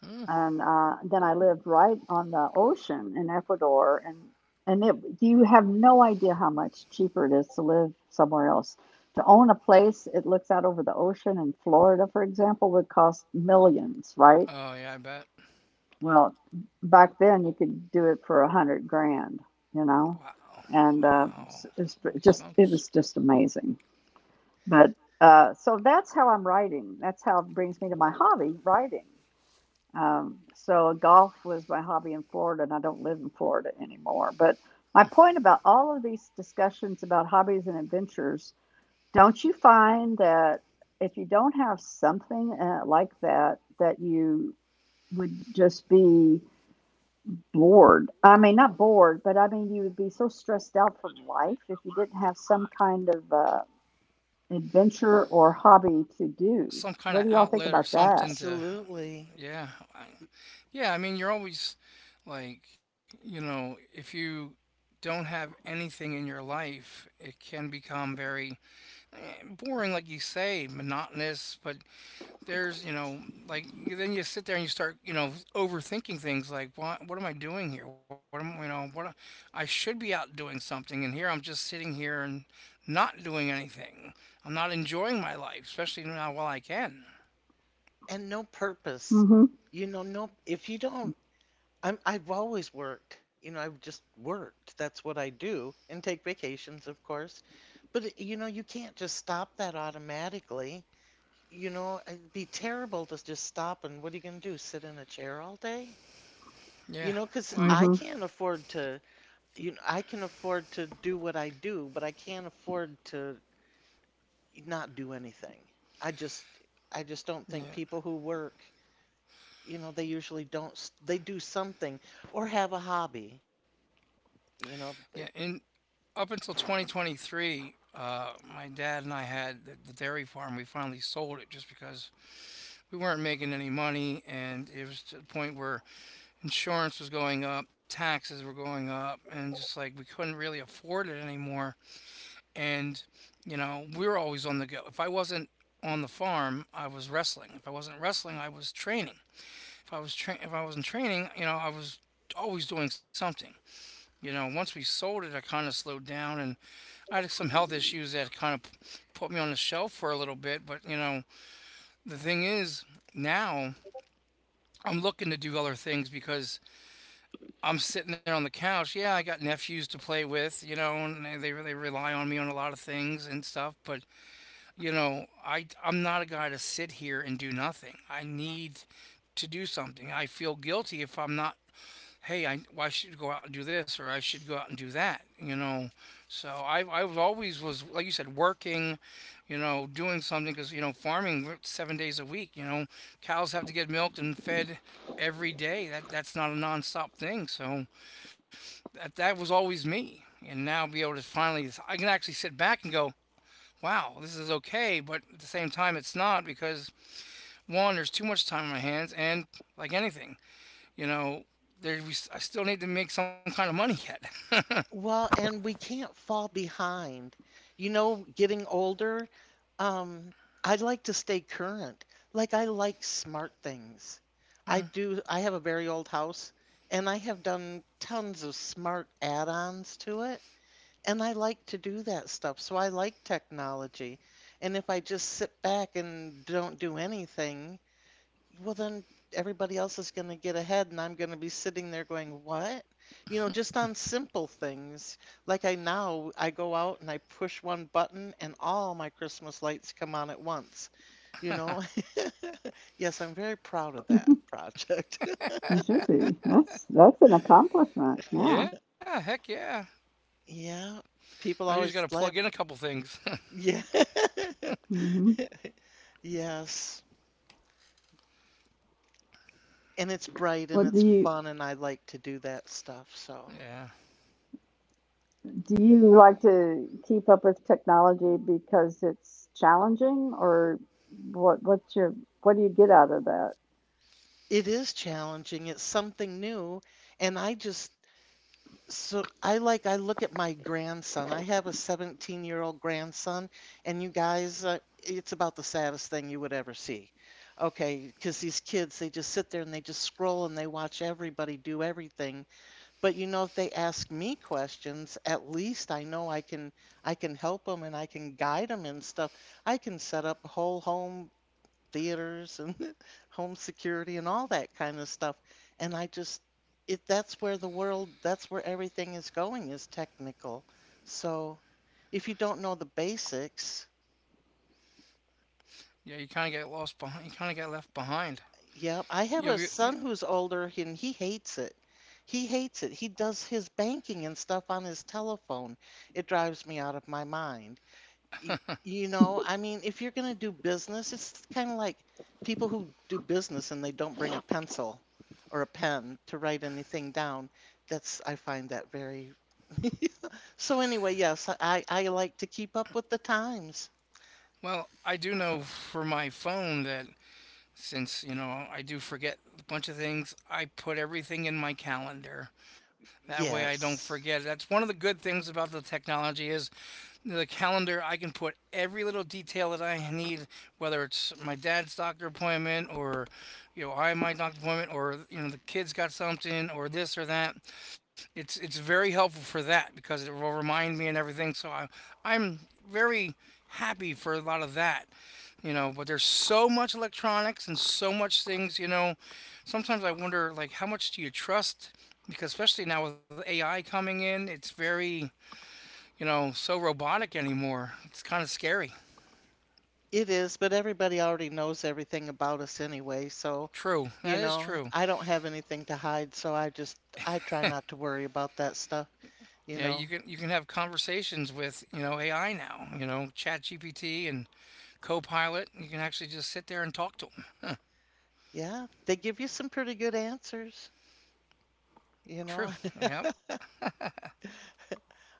Mm. And then I lived right on the ocean in Ecuador, and you have no idea how much cheaper it is to live somewhere else. To own a place, it looks out over the ocean in Florida, for example, would cost millions, right? Oh, yeah, I bet. Well, back then you could do it for 100 grand, you know, Wow. and Wow. Holy it's just smokes. it was just amazing. But so that's how I'm writing. That's how it brings me to my hobby, writing. So golf was my hobby in Florida, and I don't live in Florida anymore. But my point about all of these discussions about hobbies and adventures, don't you find that if you don't have something like that, that you would just be bored. I mean, not bored, but I mean, you would be so stressed out from life if you didn't have some kind of adventure or hobby to do. Some kind What of do y'all think outlet or about that? something to absolutely. yeah. I, yeah, I mean, you're always like, you know, if you don't have anything in your life, it can become very eh, boring like you say monotonous, but there's you know like then you sit there and you start you know overthinking things like what am I doing here what am you know I should be out doing something and here I'm just sitting here and not doing anything, I'm not enjoying my life especially now while I can. And no purpose. Mm-hmm. No, if you don't, I've always worked. I've just worked. That's what I do. And take vacations, of course. But, you can't just stop that automatically. It'd be terrible to just stop and what are you going to do? Sit in a chair all day? You know, Yeah. because I Mm-hmm. Right. can't afford to. I can afford to do what I do, but I can't afford to not do anything. I just I just don't think Yeah. people who work, they usually don't s- they do something or have a hobby, you know. Yeah, and up until 2023 my dad and I had the dairy farm. We finally sold it just because we weren't making any money, and it was to the point where insurance was going up, taxes were going up, and just like we couldn't really afford it anymore. And, you know, we were always on the go. If I wasn't on the farm, I was wrestling. If I wasn't wrestling, I was training. If I wasn't training, you know, I was always doing something. You know, once we sold it, I kind of slowed down, and I had some health issues that kind of put me on the shelf for a little bit. But you know, the thing is, now I'm looking to do other things because I'm sitting there on the couch. Yeah, I got nephews to play with, you know, and they really rely on me on a lot of things and stuff. But you know, I'm not a guy to sit here and do nothing. I need to do something. I feel guilty if I'm not. Hey, I well, I should go out and do this, or I should go out and do that. You know, so I was always was like you said working, you know, doing something because you know farming we're 7 days a week. You know, cows have to get milked and fed every day. That's not a nonstop thing. So that was always me and now be able to finally I can actually sit back and go wow, this is okay, but at the same time it's not because one, there's too much time on my hands, and like anything, you know, I still need to make some kind of money yet. Well, and we can't fall behind. Getting older, um, I like to stay current. Like I like smart things. I do, I have a very old house and I have done tons of smart add-ons to it. And I like to do that stuff, so I like technology. And if I just sit back and don't do anything, well, then everybody else is going to get ahead, and I'm going to be sitting there going, what? You know, just on simple things. Like I now, I go out and I push one button, and all my Christmas lights come on at once. You know, yes, I'm very proud of that project. You should be. That's an accomplishment. Yeah. Yeah. Yeah, heck yeah. Yeah. I People usually got to always plug laugh. in a couple things. Yeah. Mm-hmm. Yes. And it's bright Well, and it's fun and I like to do that stuff. So Yeah. do you like to keep up with technology because it's challenging, or what? What's your what do you get out of that? it is challenging. It's something new, and I just, so I like, I look at my grandson. I have a 17-year-old grandson, and you guys it's about the saddest thing you would ever see. Okay, because these kids, they just sit there and they just scroll and they watch everybody do everything. But you know, if they ask me questions, at least I know I can, I can help them and I can guide them and stuff. I can set up whole home theaters and home security and all that kind of stuff. And I just, it, that's where the world, that's where everything is going, is technical. So if you don't know the basics, Yeah, you kind of get lost behind, you kind of get left behind. yeah, I have you, a you, you son who's older and he hates it. He hates it. He does his banking and stuff on his telephone. It drives me out of my mind. You know, I mean, if you're going to do business, it's kind of like people who do business and they don't bring a pencil or a pen to write anything down. That's, I find that very. So anyway, yes, I like to keep up with the times. Well, I do know for my phone that since you know I do forget a bunch of things, I put everything in my calendar. That way I don't Yes, forget. That's one of the good things about the technology is the calendar. I can put every little detail that I need, whether it's my dad's doctor appointment or you know I my doctor appointment or you know the kids got something or this or that. It's very helpful for that because it will remind me and everything. So I'm very happy for a lot of that, you know, but there's so much electronics and so much things, you know, sometimes I wonder like how much do you trust, because especially now with AI coming in it's very, you know, so robotic anymore, it's kind of scary. it is, but everybody already knows everything about us anyway, so, True, you that is know, true. I don't have anything to hide, so I just, I try not to worry about that stuff, you Yeah, know. You can have conversations with you know AI now, you know, chat gpt and Copilot. You can actually just sit there and talk to them. Yeah, they give you some pretty good answers. You know, True. Yep.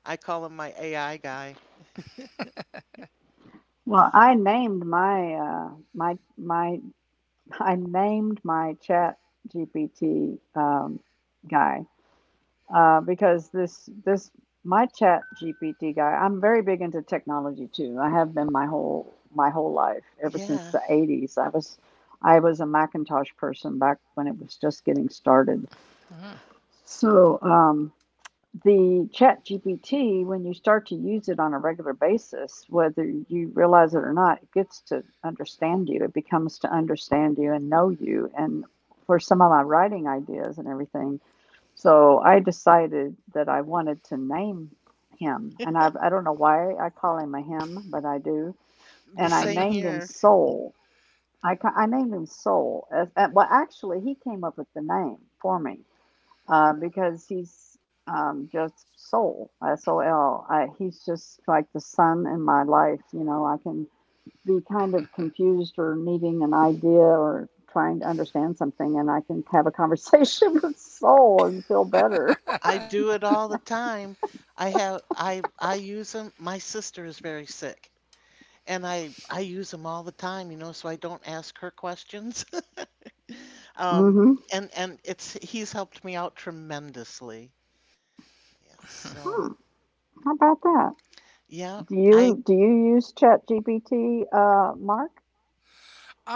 I call him my AI guy. Well, I named my I named my Chat GPT guy because this my Chat GPT guy. I'm very big into technology too. I have been my whole life ever since Yeah, the 80s. I was a Macintosh person back when it was just getting started. So the Chat GPT, when you start to use it on a regular basis, whether you realize it or not, it gets to understand you, it becomes to understand you and know you, and for some of my writing ideas and everything, so I decided that I wanted to name him, and I don't know why I call him a him, but I do. the And I same named him here. Soul. I named him Soul as, well actually he came up with the name for me, because he's just Soul, Sol. He's just like the sun in my life. You know, I can be kind of confused or needing an idea or trying to understand something, and I can have a conversation with Soul and feel better. I do it all the time. I have I use them. My sister is very sick, and I use them all the time, you know, so I don't ask her questions. Um, Mm-hmm. and it's, he's helped me out tremendously. Yeah, so Hmm, how about that? yeah, Do I you use Chat GPT, Mark,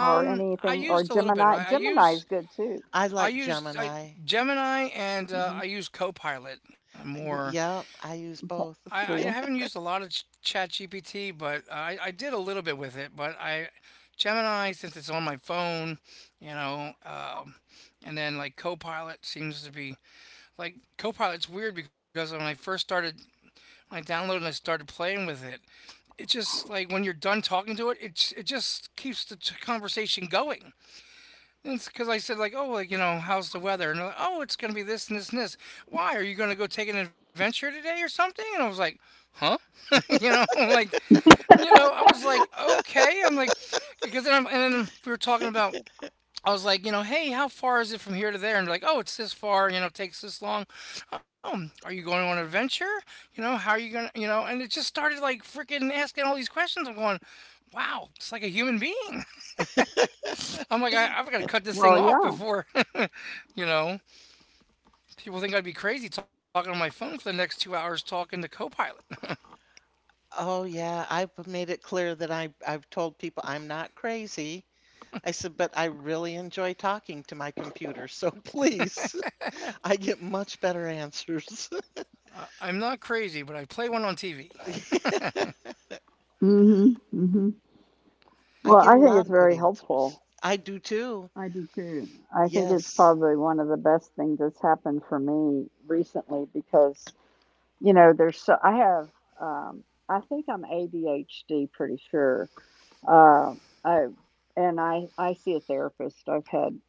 or I anything, or used a little bit Gemini? I Gemini is use good too. I I like used I, Gemini. Gemini and Hmm. I use Copilot Mm, more. yeah, I use Okay. both. Do I you? haven't used a lot of ChatGPT, but I did a little bit with it. But I Gemini, since it's on my phone, you know, and then like Copilot seems to be like Copilot's weird because when I first started, when I downloaded and I started playing with it, it just like when you're done talking to it, it just keeps the conversation going. And it's because I said like, oh, like you know, how's the weather? And they're like, oh, it's gonna be this and this and this. Why are you gonna go take an adventure today or something? And I was like, huh? you know, I'm like you know, I was like, okay. I'm like, because then I'm, and then we were talking about. I was like, you know, hey, how far is it from here to there? And they're like, oh, it's this far. You know, it takes this long. Oh, are you going on an adventure? You know, how are you gonna? You know, and it just started like freaking asking all these questions. I'm going, wow, it's like a human being. I'm like, I've got to cut this thing Well, off yeah. before, you know, people think I'd be crazy talking on my phone for the next 2 hours talking to Copilot. Oh yeah, I've made it clear that I've told people I'm not crazy. I said, but I really enjoy talking to my computer, so please. I get much better answers. I'm not crazy, but I play one on TV. Mm hmm. Mm-hmm. I Well, get a I think lot it's of good very answers. helpful. I do too. I do too. I think it's Yes. probably one of the best things that's happened for me recently because, you know, there's so I have I think I'm ADHD, pretty sure. Uh I and I see a therapist. I've had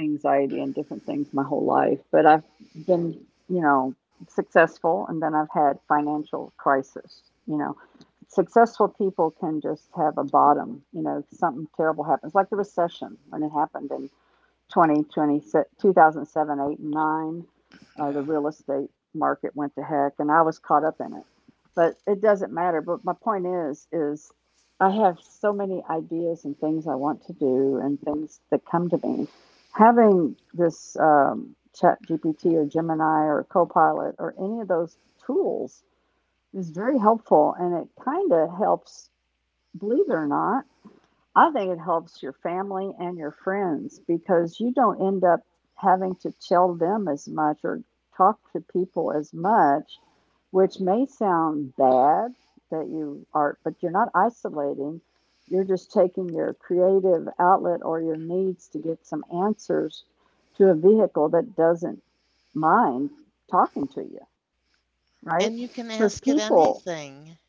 anxiety and different things my whole life, but I've been, you know, successful, and then I've had financial crisis, you know. Successful people can just have a bottom, you know, something terrible happens, like the recession when it happened, and 2020, 2007, 8, and 9, the Yeah, real estate market went to heck, and I was caught up in it. But it doesn't matter. But my point is I have so many ideas and things I want to do and things that come to me. Having this Chat GPT or Gemini or Copilot or any of those tools is very helpful, and it kind of helps, believe it or not, I think it helps your family and your friends because you don't end up having to tell them as much or talk to people as much, which may sound bad that you are, but you're not isolating. You're just taking your creative outlet or your needs to get some answers to a vehicle that doesn't mind talking to you, right? And you can Because ask it people anything.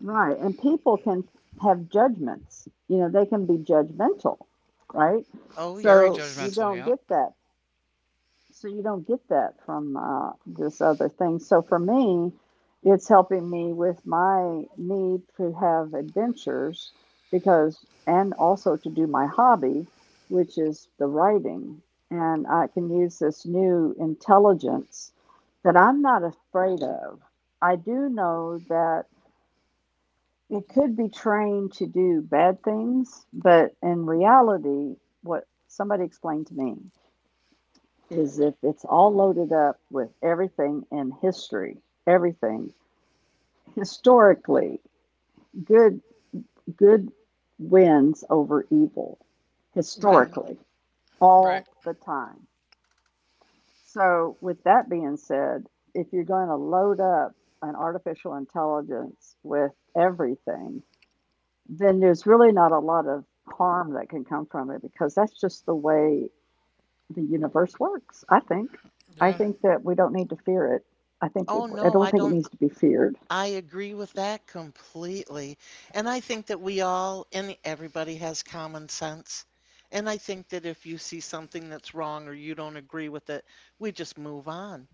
Right, and people can have judgments. You know, they can be judgmental, right? Oh, very So you yes. judgmental. don't Yeah, get that. So you don't get that from this other thing. So for me, it's helping me with my need to have adventures because, and also to do my hobby, which is the writing. And I can use this new intelligence that I'm not afraid of. I do know that it could be trained to do bad things, but in reality, what somebody explained to me is if it's all loaded up with everything in history, everything historically, good good wins over evil Right. historically right. all the time. So with that being said, if you're going to load up an artificial intelligence with everything, then there's really not a lot of harm that can come from it because that's just the way the universe works, I think. I Yeah. think that we don't need to fear it. I think it, Oh, I no, don't I think it don't. needs to be feared. I agree with that completely. And I think that we all and everybody has common sense. And I think that if you see something that's wrong or you don't agree with it, we just move on.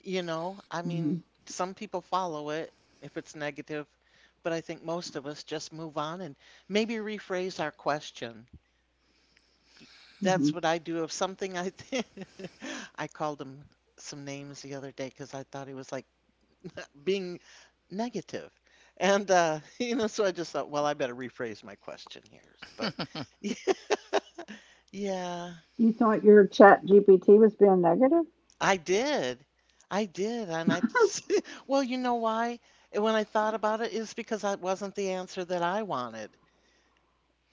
You know, I Hmm. mean, some people follow it if it's negative, but I think most of us just move on and maybe rephrase our question. Hmm. That's what I do. If something I think, I called him some names the other day because I thought he was like being negative. And, you know, so I just thought, well, I better rephrase my question here. But yeah, You thought your Chat GPT was being negative? I did. I did, and I well, you know why? When I thought about it, is because that wasn't the answer that I wanted,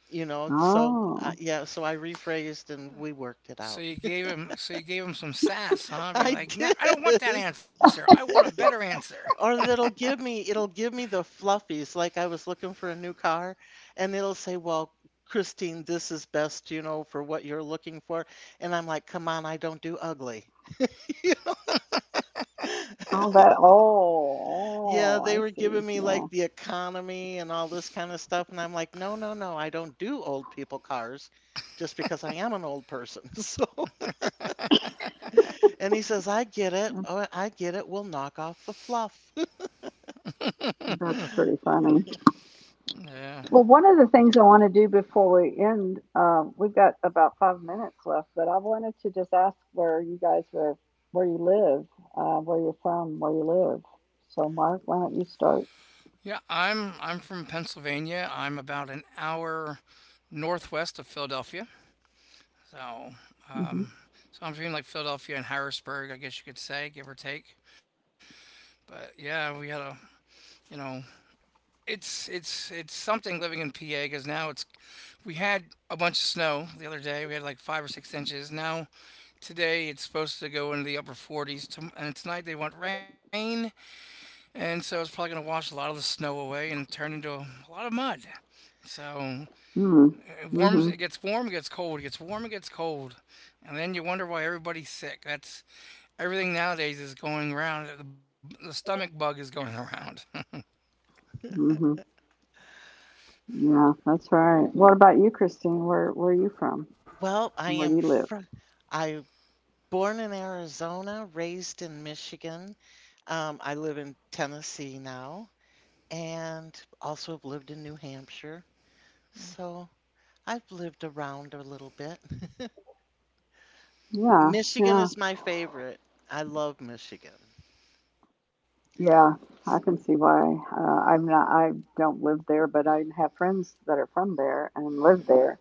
you know? So, Oh, yeah, so I rephrased and we worked it So out. you gave him, so you gave him some sass, huh? Be I like, nah, I don't want that did. answer. I want a better answer. Or that'll give me, it'll give me the fluffies. Like I was looking for a new car and it'll say, "Well, Christine, this is best, you know, for what you're looking for." And I'm like, "Come on, I don't do ugly." all that. Yeah, Oh, oh, they I were giving see. me like Yeah, the economy and all this kind of stuff, and I'm like, no, no, no, I don't do old people cars just because I am an old person. So, and he says, I get it. that's Oh, I get it. We'll knock off the fluff. that's pretty funny. Yeah. Well, one of the things I want to do before we end, we've got about 5 minutes left, but I wanted to just ask where you guys were, where you live, where you're from, where you live. So, Mark, why don't you start? Yeah, I'm from Pennsylvania. I'm about an hour northwest of Philadelphia. So, Mm-hmm. um, so I'm between like Philadelphia and Harrisburg, I guess you could say, give or take. But yeah, we had a you know it's something living in PA because now it's we had a bunch of snow the other day. We had like 5 or 6 inches. Now today it's supposed to go into the upper 40s, and tonight they want rain, and so it's probably gonna wash a lot of the snow away and turn into a lot of mud. So Mm. it warms, it Hmm. gets warm, it gets cold, it gets warm, it gets cold, and then you wonder why everybody's sick. That's everything nowadays is going around. The stomach bug is going around. Mm-hmm. Yeah, that's right. What about you, Christine? Where are you from, Well, I and where do am you live? fr, I born in Arizona, raised in Michigan. I live in Tennessee now, and also have lived in New Hampshire. So I've lived around a little bit. Yeah, Michigan yeah, is my favorite. I love Michigan. yeah. I It's, can see why. I'm not. I don't live there, but I have friends that are from there and live there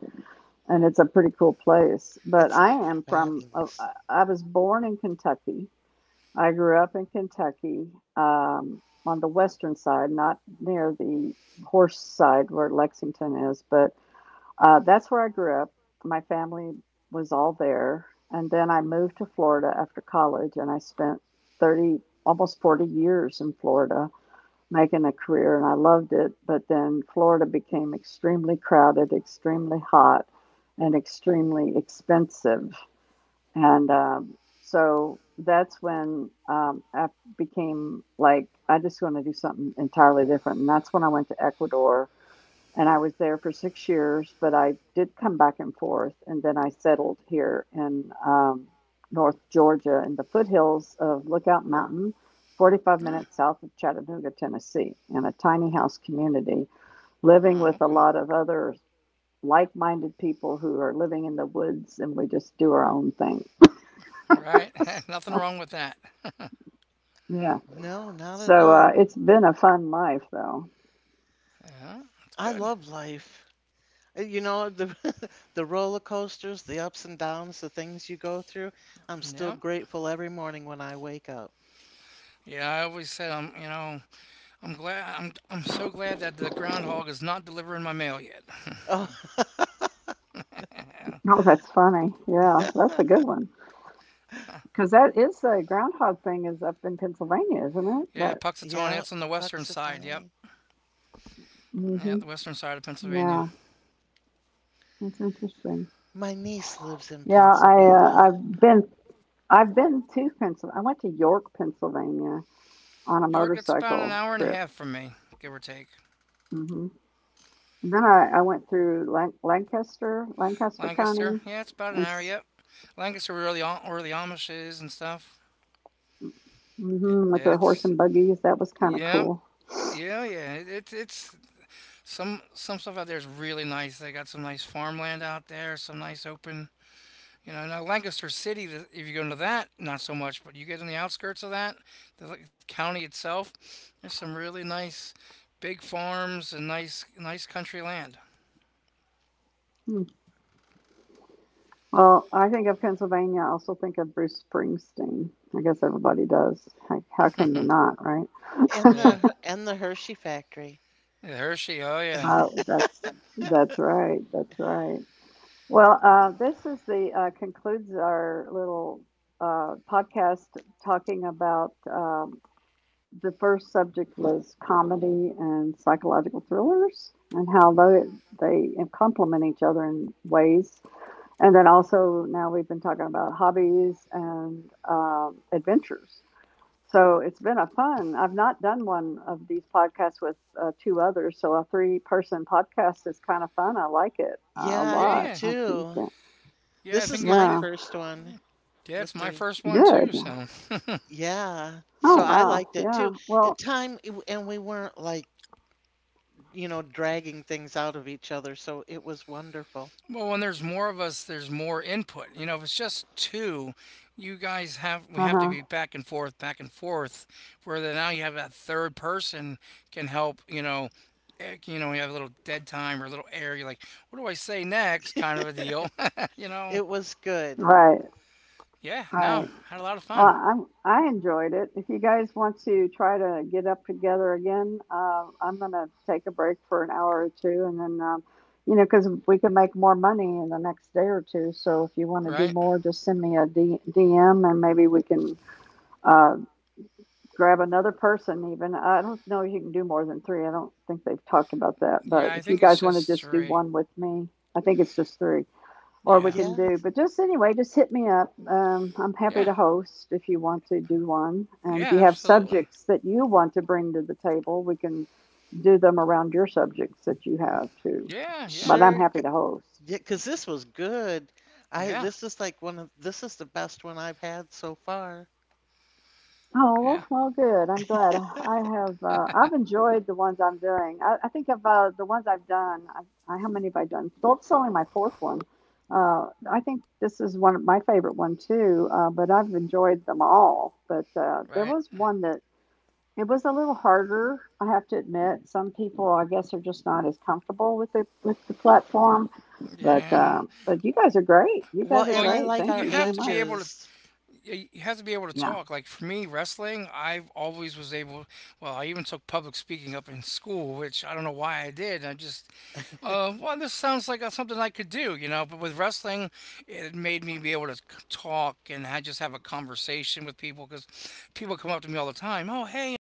and it's a pretty cool place. But it's I am Yeah. from, fabulous. I was born in Kentucky. I grew up in Kentucky on the western side, not near the horse side where Lexington is, but that's where I grew up. My family was all there. And then I moved to Florida after college and I spent 30, almost 40 years in Florida making a career and I loved it. But then Florida became extremely crowded, extremely hot, and extremely expensive. And So that's when I became like, I just want to do something entirely different. And that's when I went to Ecuador and I was there for 6 years, but I did come back and forth, and then I settled here in North Georgia in the foothills of Lookout Mountain, 45 minutes south of Chattanooga, Tennessee, in a tiny house community, living Oh, with a okay. lot of other like minded people who are living in the woods, and we just do our own thing. All right. Nothing So, wrong with that. yeah. No, not at So all. It's been a fun life, though. Yeah, that's I good. love life. You know, the the roller coasters, the ups and downs, the things you go through. I'm still Yeah. grateful every morning when I wake up. Yeah, I always said I'm, you know, I'm so glad that the groundhog is not delivering my mail yet. Oh, Yeah. Oh, that's funny. Yeah, that's a good one. Because that is, the groundhog thing is up in Pennsylvania, isn't it? Yeah, That. Puxatawny, yeah, that's on the western side. Yep. Puxatawny. Yeah, Hmm. the western side of Pennsylvania. Yeah, that's interesting. My niece lives in Yeah, I Pennsylvania. I've been to Pennsylvania. I went to York, Pennsylvania, on a York, it's about an motorcycle hour and a trip. half from me, give or take. Hmm. Then I went through Lancaster, Lancaster County, Lancaster, yeah, it's about an and hour. s- Yep. Lancaster, where the where the s- Amish is and stuff. mhm, Yeah, with their horse it's. and buggies. That was kind of Yep. cool. Yeah, yeah. It's some stuff out there is really nice. They got some nice farmland out there, some nice open. You know, now Lancaster City, if you go into that, not so much, but you get in the outskirts of that, the like, county itself, there's some really nice big farms and nice country land. Hmm. Well, I think of Pennsylvania. I also think of Bruce Springsteen. I guess everybody does. How can you not, right? And Yeah. the Her- and the Hershey factory. Yeah, Hershey, oh yeah. oh, that's that's right. That's right. Well, this is the concludes our little podcast talking about the first subject was comedy and psychological thrillers and how they complement each other in ways. And then also now we've been talking about hobbies and adventures. So it's been a fun. I've not done one of these podcasts with two others, so a three-person podcast is kind of fun. I like it a Yeah, I do Yeah. lot. Too. Yeah, I This think is it my Yeah, first one yeah, it's with my three. first one too, good. so Yeah. Oh So I wow, liked it too. yeah. Well, Time, and we weren't like, you know, dragging things out of each other. So it was wonderful. Well, when there's more of us, there's more input. You know, if it's just two, you guys have we uh have to be huh. back and forth, back and forth. Where then now you have that third person can help. You know, eh, you know, you have a little dead time or a little air. You're like, what do I say next? Kind of a deal. you know. It was good. Right, Yeah. No, right. had a lot of Well, fun. I enjoyed it. If you guys want to try to get up together again, I'm going to take a break for an hour or two. And then, you know, because we can make more money in the next day or two. So if you want to do Right. more, just send me a DM and maybe we can uh, grab another person, even. I don't know if you can do more than three. I don't think they've talked about that. But Yeah, I if you think guys it's want to just just do three. one with me, I think it's just three or we Yeah. can Yeah, do. But just anyway, just hit me up. I'm happy Yeah. to host if you want to do one. And if Yeah. you have Absolutely. subjects that you want to bring to the table, we can do them around your subjects that you have too. Yeah. Yeah. But I'm sure. C- happy to host. yeah, 'cause this was good. I, Yeah. this is like one of, this is the best one I've had so far. Yeah. Oh, well, good. I'm glad. I have I've enjoyed the ones I'm doing. I think of the ones I've done. How many have I done? So it's only my fourth one. Uh, I think this is one of my favorite one too. But I've enjoyed them all. But there Right. was one that it was a little harder. I have to admit, some people I guess are just not as comfortable with the platform. Yeah. But you guys are great. You Well, guys are Well, and you I great. like Thank you our you have very to be much. able to ages. You have to be able to Yeah. talk. Like for me, wrestling, I've always was able. Well, I even took public speaking up in school, which I don't know why I did. I just, well, this sounds like something I could do, you know. But with wrestling, it made me be able to talk and I just have a conversation with people because people come up to me all the time. Oh, hey,